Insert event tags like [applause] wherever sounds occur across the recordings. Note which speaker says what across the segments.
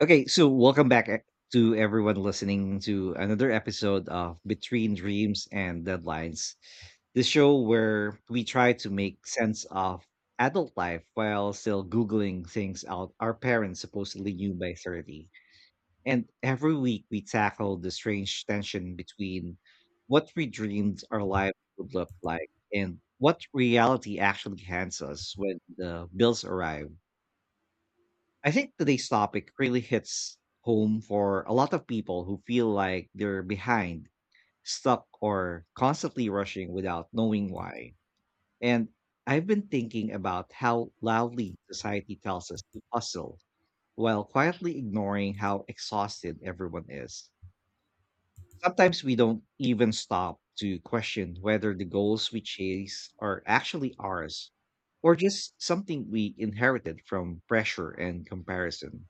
Speaker 1: Okay, so welcome back to everyone listening to another episode of Between Dreams and Deadlines, the show where we try to make sense of adult life while still Googling things out our parents supposedly knew by 30. And every week we tackle the strange tension between what we dreamed our lives would look like and what reality actually hands us when the bills arrive. I think today's topic really hits home for a lot of people who feel like they're behind, stuck, or constantly rushing without knowing why. And I've been thinking about how loudly society tells us to hustle while quietly ignoring how exhausted everyone is. Sometimes we don't even stop to question whether the goals we chase are actually ours or just something we inherited from pressure and comparison.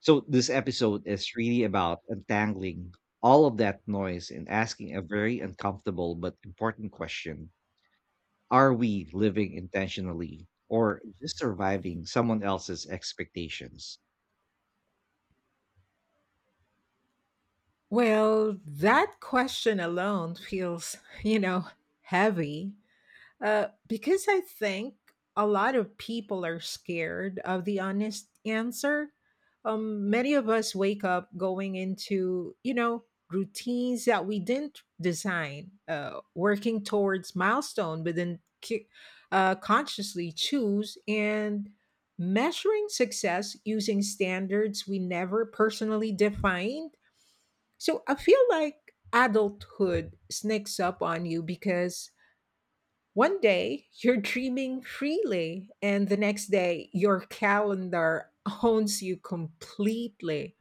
Speaker 1: So this episode is really about untangling all of that noise and asking a very uncomfortable but important question. Are we living intentionally or just surviving someone else's expectations?
Speaker 2: Well, that question alone feels, you know, heavy, because I think a lot of people are scared of the honest answer. Many of us wake up going into, routines that we didn't design, working towards milestone, but then consciously choose and measuring success using standards we never personally defined. So I feel like adulthood sneaks up on you because one day you're dreaming freely, and the next day your calendar owns you completely.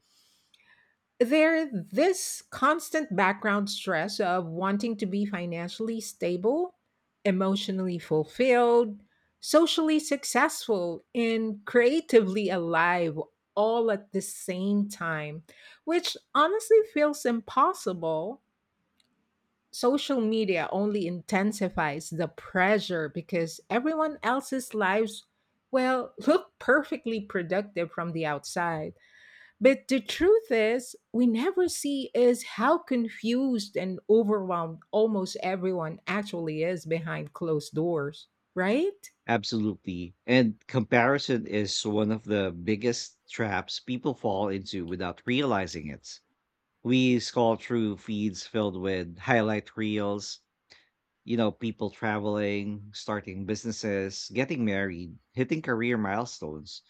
Speaker 2: There this constant background stress of wanting to be financially stable, emotionally fulfilled, socially successful, and creatively alive all at the same time, which honestly feels impossible. Social media only intensifies the pressure because everyone else's lives, well, [laughs] look perfectly productive from the outside, but the truth is we never see is how confused and overwhelmed almost everyone actually is behind closed doors, right?
Speaker 1: Absolutely. And comparison is one of the biggest traps people fall into without realizing it. We scroll through feeds filled with highlight reels, you know, people traveling, starting businesses, getting married, hitting career milestones.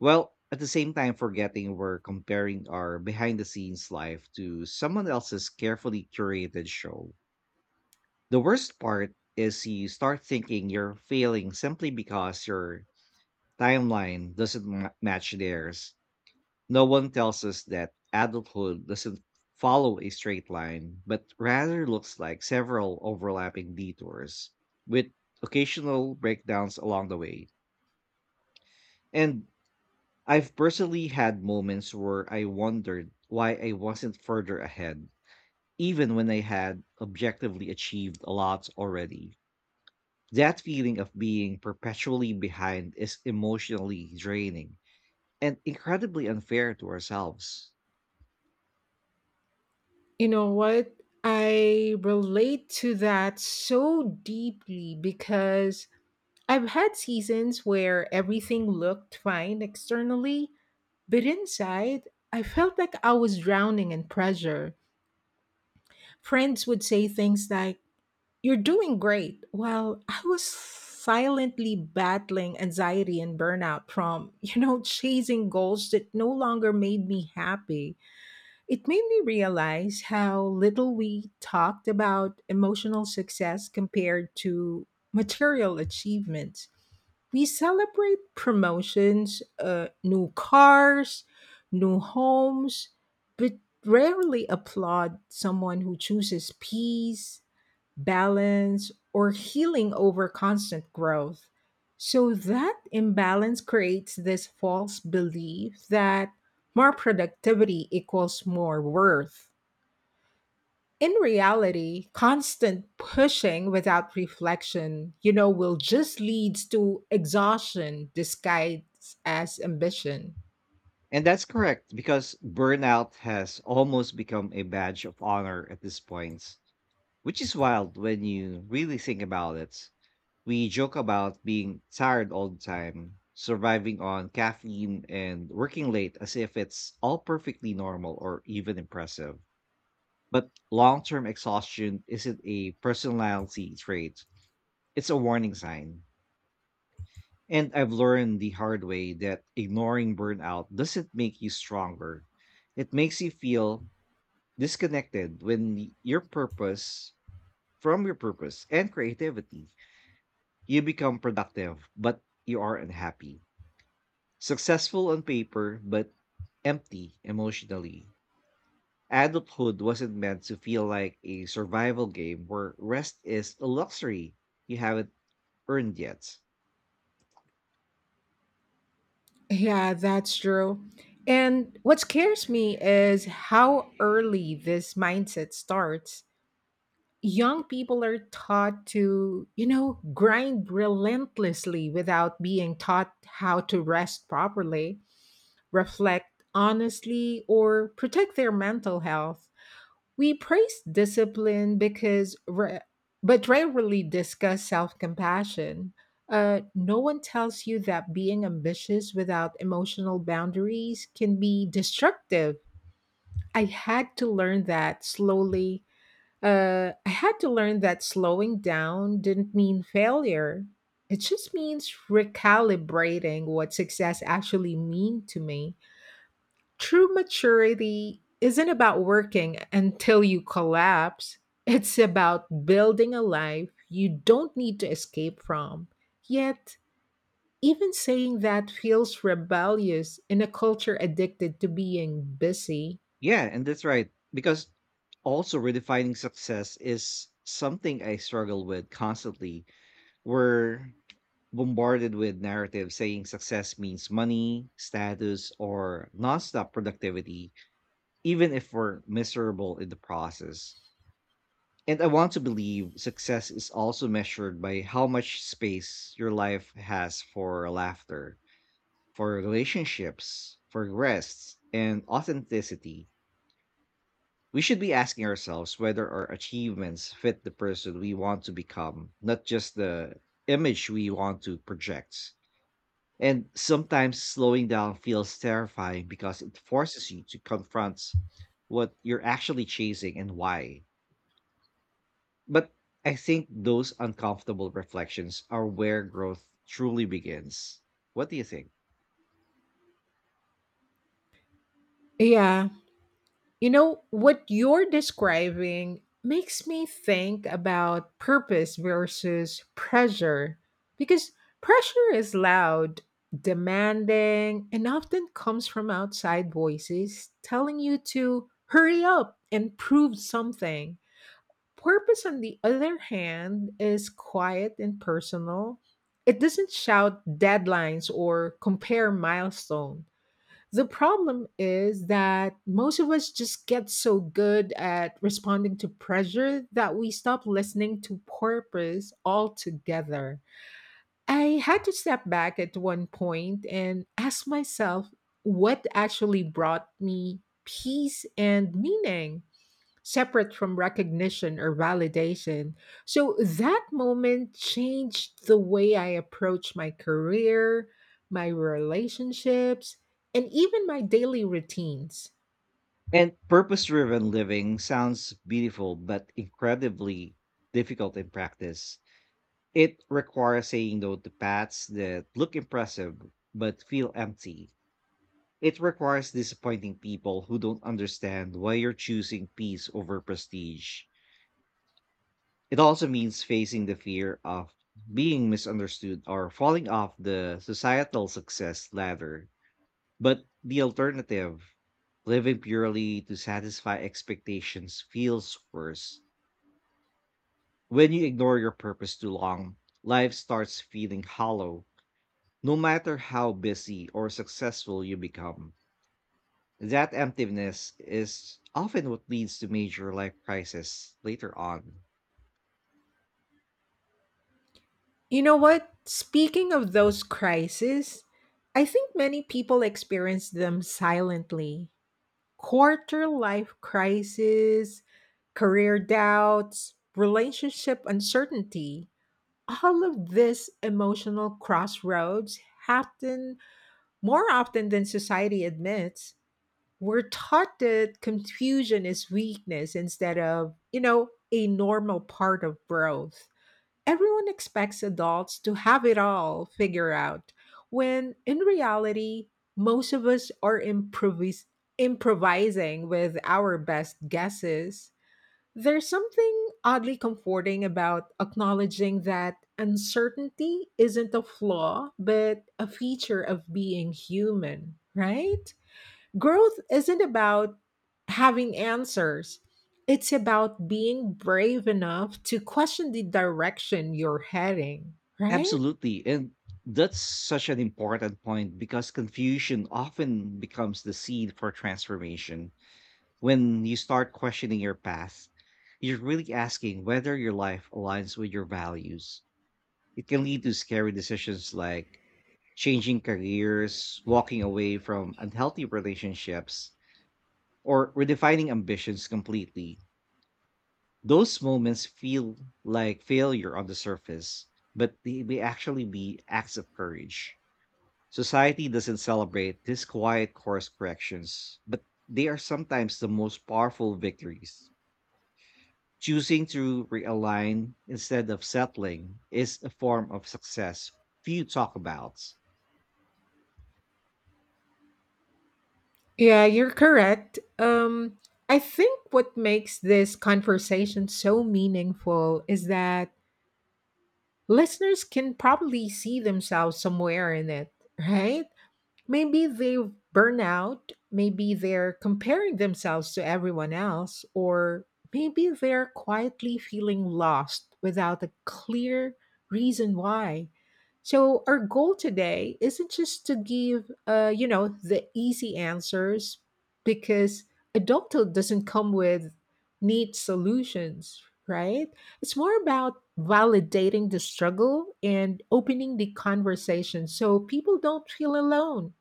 Speaker 1: Well, at the same time, forgetting we're comparing our behind the scenes life to someone else's carefully curated show. The worst part is you start thinking you're failing simply because your timeline doesn't match theirs. No one tells us that adulthood doesn't follow a straight line, but rather looks like several overlapping detours with occasional breakdowns along the way. And I've personally had moments where I wondered why I wasn't further ahead, even when I had objectively achieved a lot already. That feeling of being perpetually behind is emotionally draining and incredibly unfair to ourselves.
Speaker 2: You know what, I relate to that so deeply because I've had seasons where everything looked fine externally. But inside, I felt like I was drowning in pressure. Friends would say things like, "You're doing great," while I was silently battling anxiety and burnout from, [laughs] chasing goals that no longer made me happy. It made me realize how little we talked about emotional success compared to material achievements. We celebrate promotions, new cars, new homes, but rarely applaud someone who chooses peace, balance, or healing over constant growth. So that imbalance creates this false belief that more productivity equals more worth. In reality, constant pushing without reflection, will just leads to exhaustion disguised as ambition.
Speaker 1: And that's correct because burnout has almost become a badge of honor at this point, which is wild when you really think about it. We joke about being tired all the time, surviving on caffeine, and working late as if it's all perfectly normal or even impressive. But long term exhaustion isn't a personality trait, it's a warning sign. And I've learned the hard way that ignoring burnout doesn't make you stronger. It makes you feel disconnected when your purpose, from your purpose and creativity, you become productive, but you are unhappy. Successful on paper, but empty emotionally. Adulthood wasn't meant to feel like a survival game where rest is a luxury you haven't earned yet.
Speaker 2: Yeah, that's true. And what scares me is how early this mindset starts. Young people are taught to, grind relentlessly without being taught how to rest properly, reflect honestly, or protect their mental health. We praise discipline because, ra- But rarely discuss self compassion. No one tells you that being ambitious without emotional boundaries can be destructive. I had to learn that slowly. I had to learn that slowing down didn't mean failure. It just means recalibrating what success actually mean to me. True maturity isn't about working until you collapse. It's about building a life you don't need to escape from. Yet, even saying that feels rebellious in a culture addicted to being busy.
Speaker 1: Yeah, and that's right. Because also redefining success is something I struggle with constantly. We're bombarded with narratives saying success means money, status, or nonstop productivity, even if we're miserable in the process. And I want to believe success is also measured by how much space your life has for laughter, for relationships, for rests, and authenticity. We should be asking ourselves whether our achievements fit the person we want to become, not just the image we want to project. And sometimes slowing down feels terrifying because it forces you to confront what you're actually chasing and why. But I think those uncomfortable reflections are where growth truly begins. What do you think?
Speaker 2: Yeah, you know, what you're describing makes me think about purpose versus pressure, because pressure is loud, demanding, and often comes from outside voices telling you to hurry up and prove something. Purpose, on the other hand, is quiet and personal. It doesn't shout deadlines or compare milestones. The problem is that most of us just get so good at responding to pressure that we stop listening to purpose altogether. I had to step back at one point and ask myself what actually brought me peace and meaning separate from recognition or validation. So that moment changed the way I approach my career, my relationships, and even my daily routines.
Speaker 1: And purpose driven living sounds beautiful, but incredibly difficult in practice. It requires saying no to paths that look impressive but feel empty. It requires disappointing people who don't understand why you're choosing peace over prestige. It also means facing the fear of being misunderstood or falling off the societal success ladder. But the alternative, living purely to satisfy expectations, feels worse. When you ignore your purpose too long, life starts feeling hollow. No matter how busy or successful you become, that emptiness is often what leads to major life crises later on.
Speaker 2: You know what? Speaking of those crises, I think many people experience them silently. Quarter life crisis, career doubts, relationship uncertainty, all of these emotional crossroads happen more often than society admits. We're taught that confusion is weakness instead of, a normal part of growth. Everyone expects adults to have it all figured out, when in reality, most of us are improvising with our best guesses. There's something oddly comforting about acknowledging that uncertainty isn't a flaw, but a feature of being human, right? Growth isn't about having answers, it's about being brave enough to question the direction you're heading, right?
Speaker 1: Absolutely. And that's such an important point because confusion often becomes the seed for transformation. When you start questioning your path, you're really asking whether your life aligns with your values. It can lead to scary decisions like changing careers, walking away from unhealthy relationships, or redefining ambitions completely. Those moments feel like failure on the surface, but they may actually be acts of courage. Society doesn't celebrate these quiet course corrections, but they are sometimes the most powerful victories. Choosing to realign instead of settling is a form of success few talk about.
Speaker 2: Yeah, you're correct. I think what makes this conversation so meaningful is that listeners can probably see themselves somewhere in it, right? Maybe they've burned out, maybe they're comparing themselves to everyone else, or maybe they're quietly feeling lost without a clear reason why. So our goal today isn't just to give the easy answers, because adulthood doesn't come with neat solutions, right? It's more about validating the struggle and opening the conversation so people don't feel alone.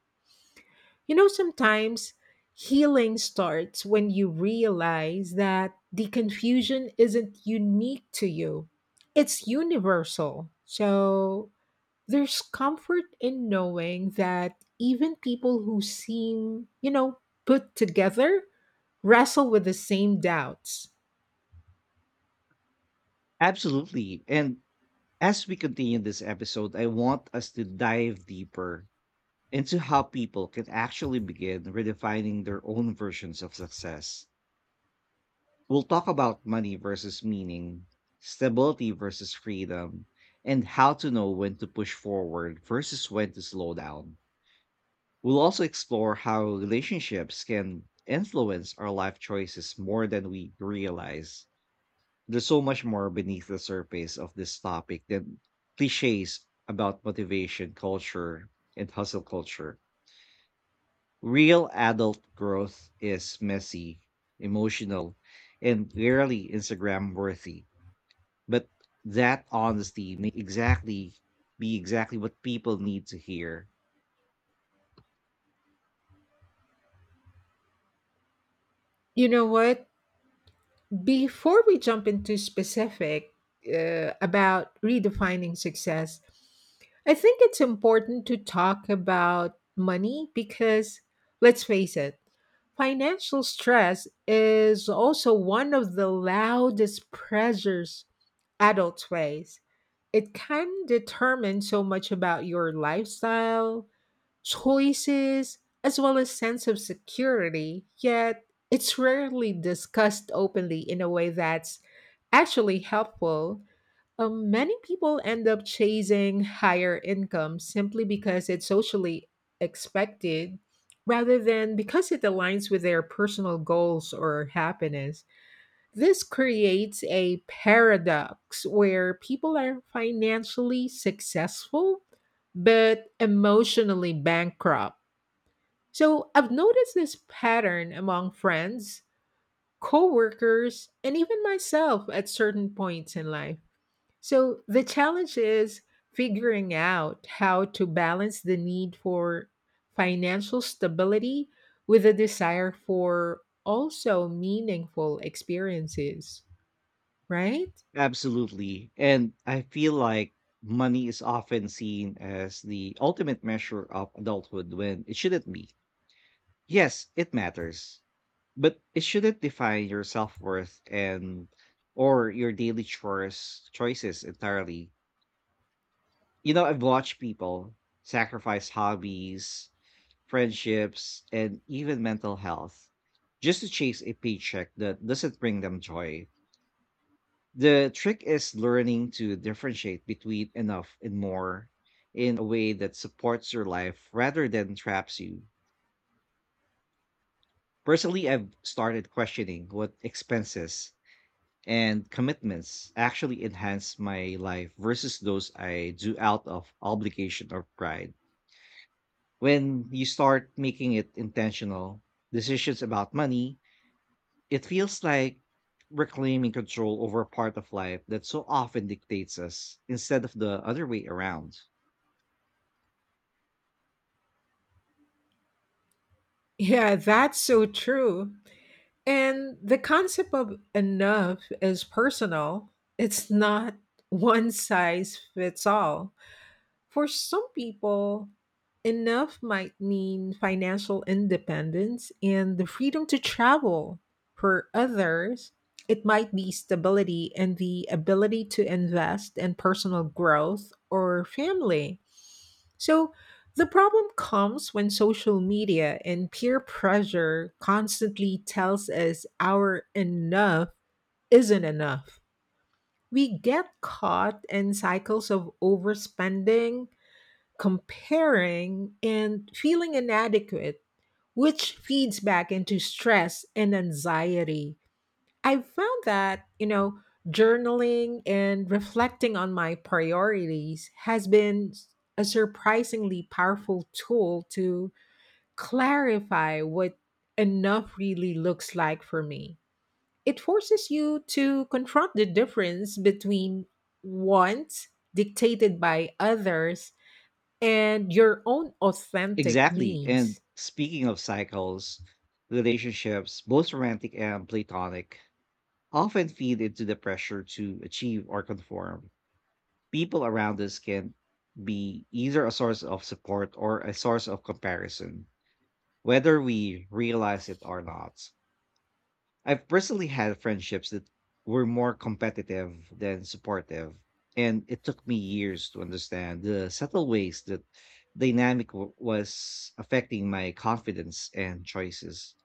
Speaker 2: You know, sometimes healing starts when you realize that the confusion isn't unique to you, it's universal. So there's comfort in knowing that even people who seem, put together wrestle with the same doubts.
Speaker 1: Absolutely. And as we continue this episode, I want us to dive deeper into how people can actually begin redefining their own versions of success. We'll talk about money versus meaning, stability versus freedom, and how to know when to push forward versus when to slow down. We'll also explore how relationships can influence our life choices more than we realize. There's so much more beneath the surface of this topic than cliches about motivation culture and hustle culture. Real adult growth is messy, emotional, and rarely Instagram worthy. But that honesty may be exactly what people need to hear.
Speaker 2: You know what? Before we jump into specific about redefining success, I think it's important to talk about money because, let's face it, financial stress is also one of the loudest pressures adults face. It can determine so much about your lifestyle, choices, as well as sense of security, yet it's rarely discussed openly in a way that's actually helpful. Many people end up chasing higher income simply because it's socially expected rather than because it aligns with their personal goals or happiness. This creates a paradox where people are financially successful but emotionally bankrupt. So I've noticed this pattern among friends, coworkers, and even myself at certain points in life. So the challenge is figuring out how to balance the need for financial stability with a desire for also meaningful experiences, right?
Speaker 1: Absolutely. And I feel like money is often seen as the ultimate measure of adulthood when it shouldn't be. Yes, it matters, but it shouldn't define your self-worth and or your daily chores choices entirely. You know, I've watched people sacrifice hobbies, friendships, and even mental health just to chase a paycheck that doesn't bring them joy. The trick is learning to differentiate between enough and more in a way that supports your life rather than traps you. Personally, I've started questioning what expenses and commitments actually enhance my life versus those I do out of obligation or pride when you start making it intentional decisions about money, it feels like reclaiming control over a part of life that so often dictates us instead of the other way around.
Speaker 2: Yeah, that's so true. And the concept of enough is personal. It's not one size fits all. For some people, enough might mean financial independence and the freedom to travel. For others, it might be stability and the ability to invest in personal growth or family. So the problem comes when social media and peer pressure constantly tells us our enough isn't enough. We get caught in cycles of overspending, comparing, and feeling inadequate, which feeds back into stress and anxiety. I found that, journaling and reflecting on my priorities has been a surprisingly powerful tool to clarify what enough really looks like for me. It forces you to confront the difference between wants dictated by others and your own authentic
Speaker 1: Exactly. And
Speaker 2: needs.
Speaker 1: speaking of cycles, relationships, both romantic and platonic, often feed into the pressure to achieve or conform. People around us can be either a source of support or a source of comparison, whether we realize it or not. I've personally had friendships that were more competitive than supportive, and it took me years to understand the subtle ways that dynamic was affecting my confidence and choices.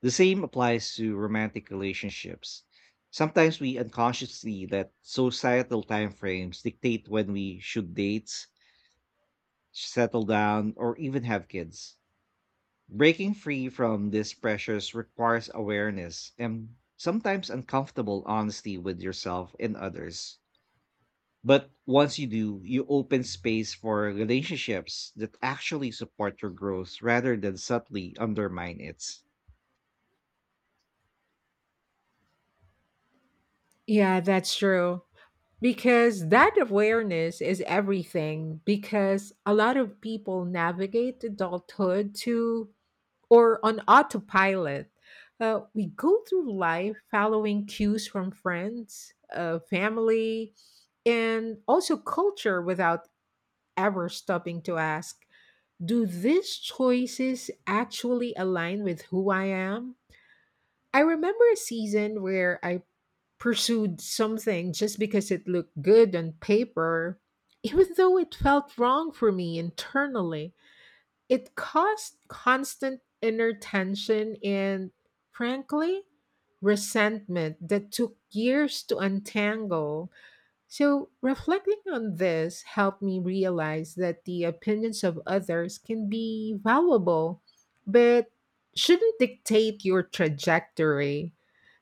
Speaker 1: The same applies to romantic relationships. Sometimes we unconsciously let societal timeframes dictate when we should date, settle down, or even have kids. Breaking free from these pressures requires awareness and sometimes uncomfortable honesty with yourself and others. But once you do, you open space for relationships that actually support your growth rather than subtly undermine it.
Speaker 2: Yeah, that's true. Because that awareness is everything. Because a lot of people navigate adulthood to or on autopilot. We go through life following cues from friends, family, and also culture without ever stopping to ask, do these choices actually align with who I am? I remember a season where I pursued something just because it looked good on paper, even though it felt wrong for me internally. It caused constant inner tension and, frankly, resentment that took years to untangle. So, reflecting on this helped me realize that the opinions of others can be valuable, but shouldn't dictate your trajectory.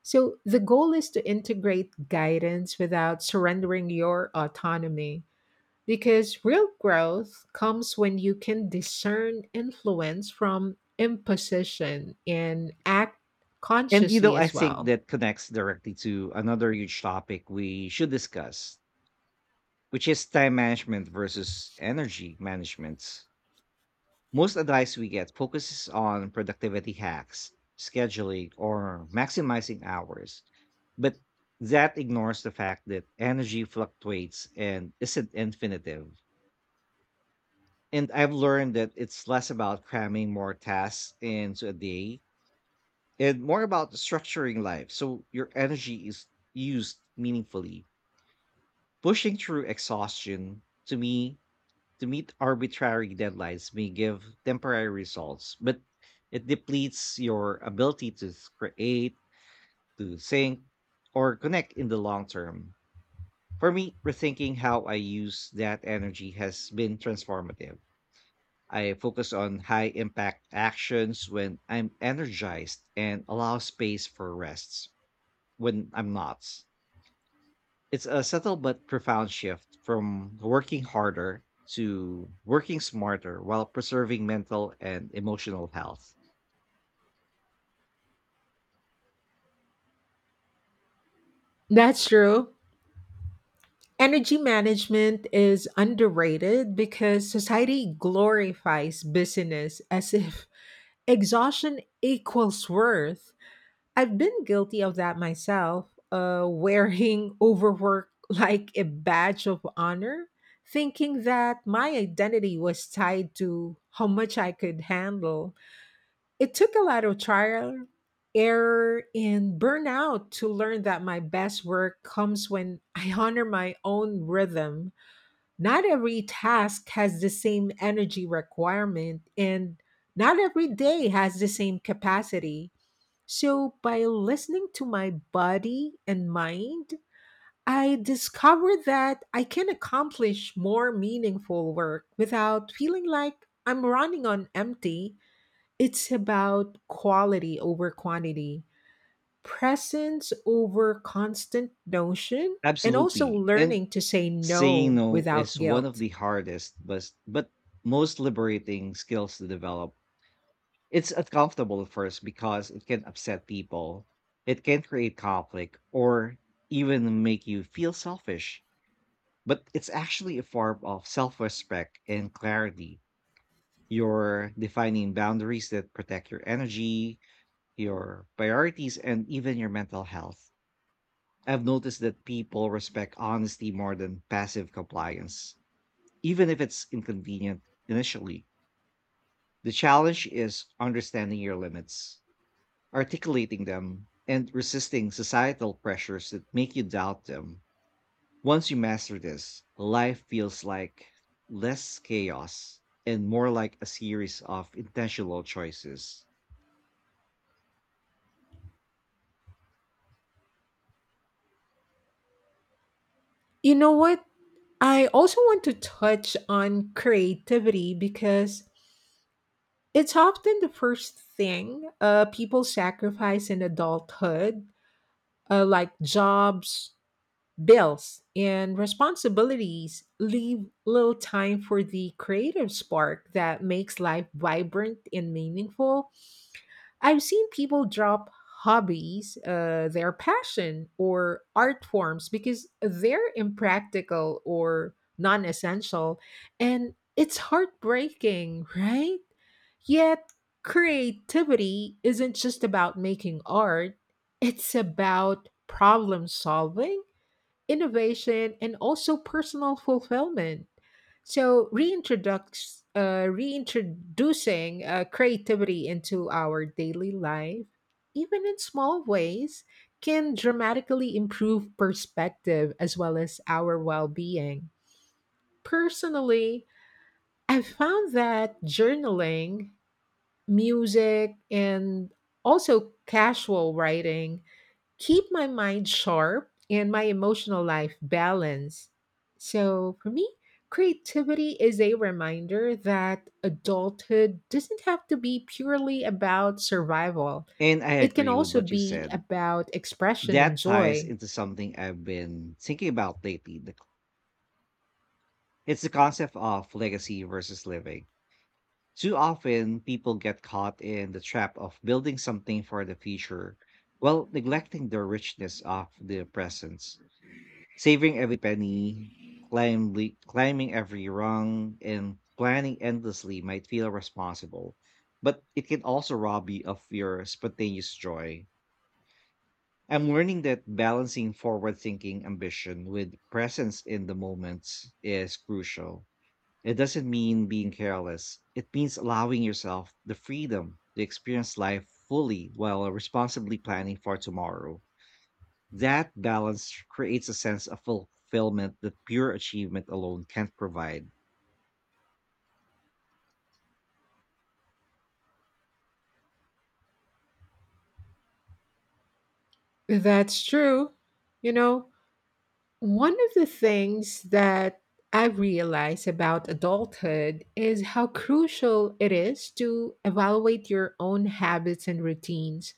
Speaker 2: So, the goal is to integrate guidance without surrendering your autonomy, because real growth comes when you can discern influence from imposition and act
Speaker 1: And you know,
Speaker 2: consciously
Speaker 1: I
Speaker 2: as
Speaker 1: think
Speaker 2: well.
Speaker 1: that connects directly to another huge topic we should discuss, which is time management versus energy management. Most advice we get focuses on productivity hacks, scheduling, or maximizing hours, but that ignores the fact that energy fluctuates and isn't infinitive. And I've learned that it's less about cramming more tasks into a day and more about structuring life so your energy is used meaningfully. Pushing through exhaustion, to me, to meet arbitrary deadlines may give temporary results, but it depletes your ability to create, to think, or connect in the long term. For me, rethinking how I use that energy has been transformative. I focus on high impact actions when I'm energized and allow space for rests when I'm not. It's a subtle but profound shift from working harder to working smarter while preserving mental and emotional health.
Speaker 2: That's true. Energy management is underrated because society glorifies busyness as if [laughs] exhaustion equals worth. I've been guilty of that myself, wearing [laughs] overwork like a badge of honor, thinking that my identity was tied to how much I could handle. It took a lot of trial, error, and burnout to learn that my best work comes when I honor my own rhythm. Not every task has the same energy requirement, and not every day has the same capacity. So, by listening to my body and mind, I discovered that I can accomplish more meaningful work without feeling like I'm running on empty. It's about quality over quantity, presence over constant notion, and also
Speaker 1: Absolutely. And
Speaker 2: learning to say
Speaker 1: saying
Speaker 2: no
Speaker 1: no
Speaker 2: without
Speaker 1: is one of
Speaker 2: guilt.
Speaker 1: the hardest but most liberating skills to develop. It's uncomfortable at first because it can upset people. It can create conflict or even make you feel selfish. But it's actually a form of self-respect and clarity. You're defining boundaries that protect your energy, your priorities, and even your mental health. I've noticed that people respect honesty more than passive compliance, even if it's inconvenient initially. The challenge is understanding your limits, articulating them, and resisting societal pressures that make you doubt them. Once you master this, life feels like less chaos and more like a series of intentional choices.
Speaker 2: You know what? I also want to touch on creativity because it's often the first thing people sacrifice in adulthood, like jobs, bills, and responsibilities, leave little time for the creative spark that makes life vibrant and meaningful. I've seen people drop hobbies, their passion, or art forms because they're impractical or non essential. And it's heartbreaking, [laughs] right? Yet, creativity isn't just about making art, it's about problem solving, innovation, and also personal fulfillment. So reintroducing creativity into our daily life, even in small ways, can dramatically improve perspective as well as our well-being. Personally, I've found that journaling, music, and also casual writing keep my mind sharp and my emotional life balanced. So for me, creativity is a reminder that adulthood doesn't have to be purely about survival.
Speaker 1: And I
Speaker 2: It can
Speaker 1: agree with
Speaker 2: also
Speaker 1: what you
Speaker 2: be
Speaker 1: said.
Speaker 2: about expression and
Speaker 1: That ties
Speaker 2: joy.
Speaker 1: into something I've been thinking about lately. It's the concept of legacy versus living. Too often, people get caught in the trap of building something for the future while neglecting the richness of the present. Saving every penny, climbing every rung, and planning endlessly might feel responsible, but it can also rob you of your spontaneous joy. I'm learning that balancing forward thinking ambition with presence in the moment is crucial. It doesn't mean being careless, it means allowing yourself the freedom to experience life fully while responsibly planning for tomorrow. That balance creates a sense of fulfillment that pure achievement alone can't provide.
Speaker 2: That's true. You know, one of the things that I realize about adulthood is how crucial it is to evaluate your own habits and routines.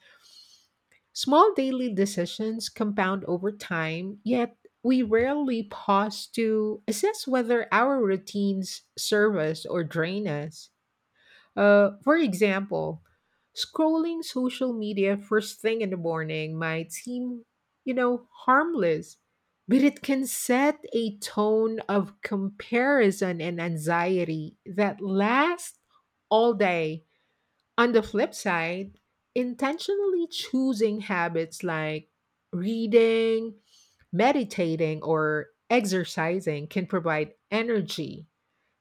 Speaker 2: Small daily decisions compound over time, yet we rarely pause to assess whether our routines serve us or drain us. For example, scrolling social media first thing in the morning might seem, harmless, but it can set a tone of comparison and anxiety that lasts all day. On the flip side, intentionally choosing habits like reading, meditating, or exercising can provide energy,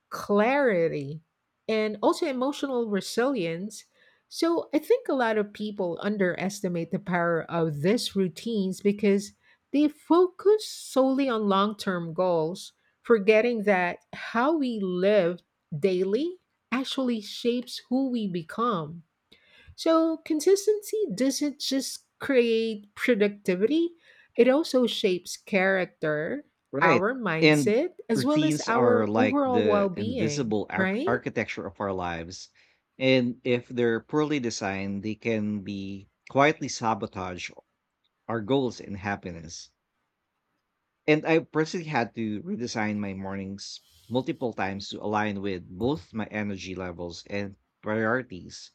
Speaker 2: clarity, and also emotional resilience. So I think a lot of people underestimate the power of these routines because they focus solely on long term goals, forgetting that how we live daily actually shapes who we become. So, consistency doesn't just create productivity, it also shapes character,
Speaker 1: Right.
Speaker 2: our
Speaker 1: And
Speaker 2: mindset, as well as
Speaker 1: routines are
Speaker 2: our
Speaker 1: like
Speaker 2: overall well
Speaker 1: the
Speaker 2: being,
Speaker 1: invisible
Speaker 2: right?
Speaker 1: architecture of our lives. And if they're poorly designed, they can be quietly sabotage our goals and happiness. And I personally had to redesign my mornings multiple times to align with both my energy levels and priorities.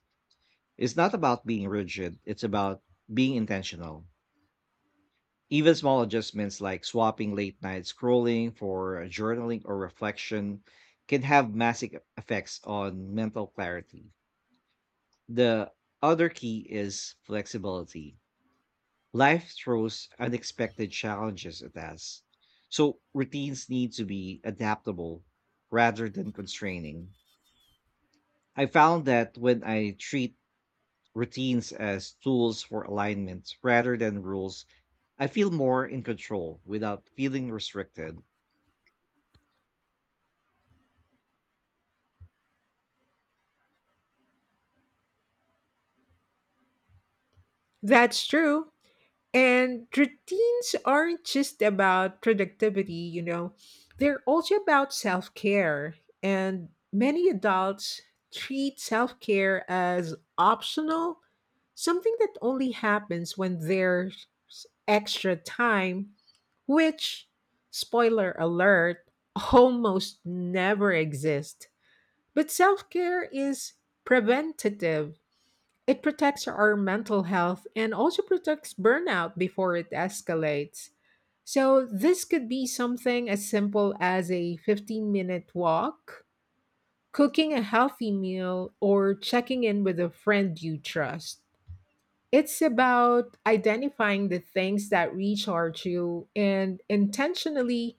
Speaker 1: It's not about being rigid, it's about being intentional. Even small adjustments like swapping late night scrolling for journaling or reflection can have massive effects on mental clarity. The other key is flexibility. Life throws unexpected challenges at us, so routines need to be adaptable rather than constraining. I found that when I treat routines as tools for alignment rather than rules I feel more in control without feeling restricted.
Speaker 2: That's true. And routines aren't just about productivity, they're also about self care. And many adults treat self care as optional, something that only happens when there's extra time, which, spoiler alert, almost never exist. But self care is preventative, it protects our mental health and also protects burnout before it escalates. So, this could be something as simple as a 15-minute walk, cooking a healthy meal, or checking in with a friend you trust. It's about identifying the things that recharge you and intentionally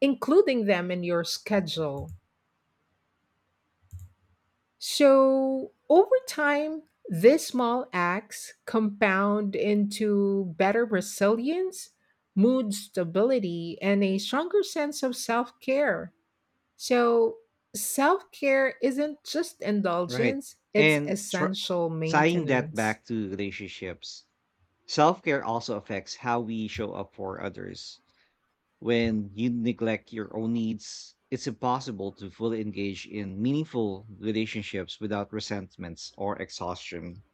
Speaker 2: including them in your schedule. So, over time, these small acts compound into better resilience, mood stability, and a stronger sense of self care. So, self care isn't just
Speaker 1: Right.
Speaker 2: indulgence, it's
Speaker 1: And
Speaker 2: essential
Speaker 1: tying that
Speaker 2: maintenance.
Speaker 1: back to relationships, self care also affects how we show up for others. When you neglect your own needs, it's impossible to fully engage in meaningful relationships without resentments or exhaustion.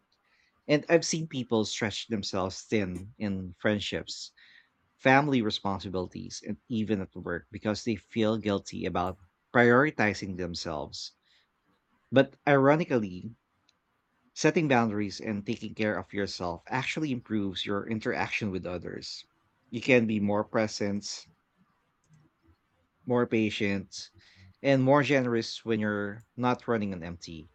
Speaker 1: And I've seen people stretch themselves thin in friendships family responsibilities, and even at work because they feel guilty about prioritizing themselves. But ironically, setting boundaries and taking care of yourself actually improves your interaction with others. You can be more present, more patient, and more generous when you're not running on empty.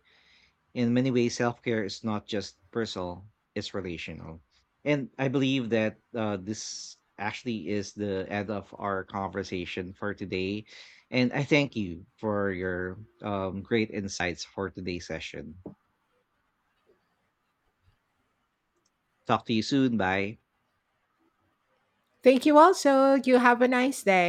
Speaker 1: In many ways, self care is not just personal, it's relational. And I believe that this actually is the end of our conversation for today. And I thank you for your great insights for today's session. Talk to you soon. Bye.
Speaker 2: Thank you also. You have a nice day.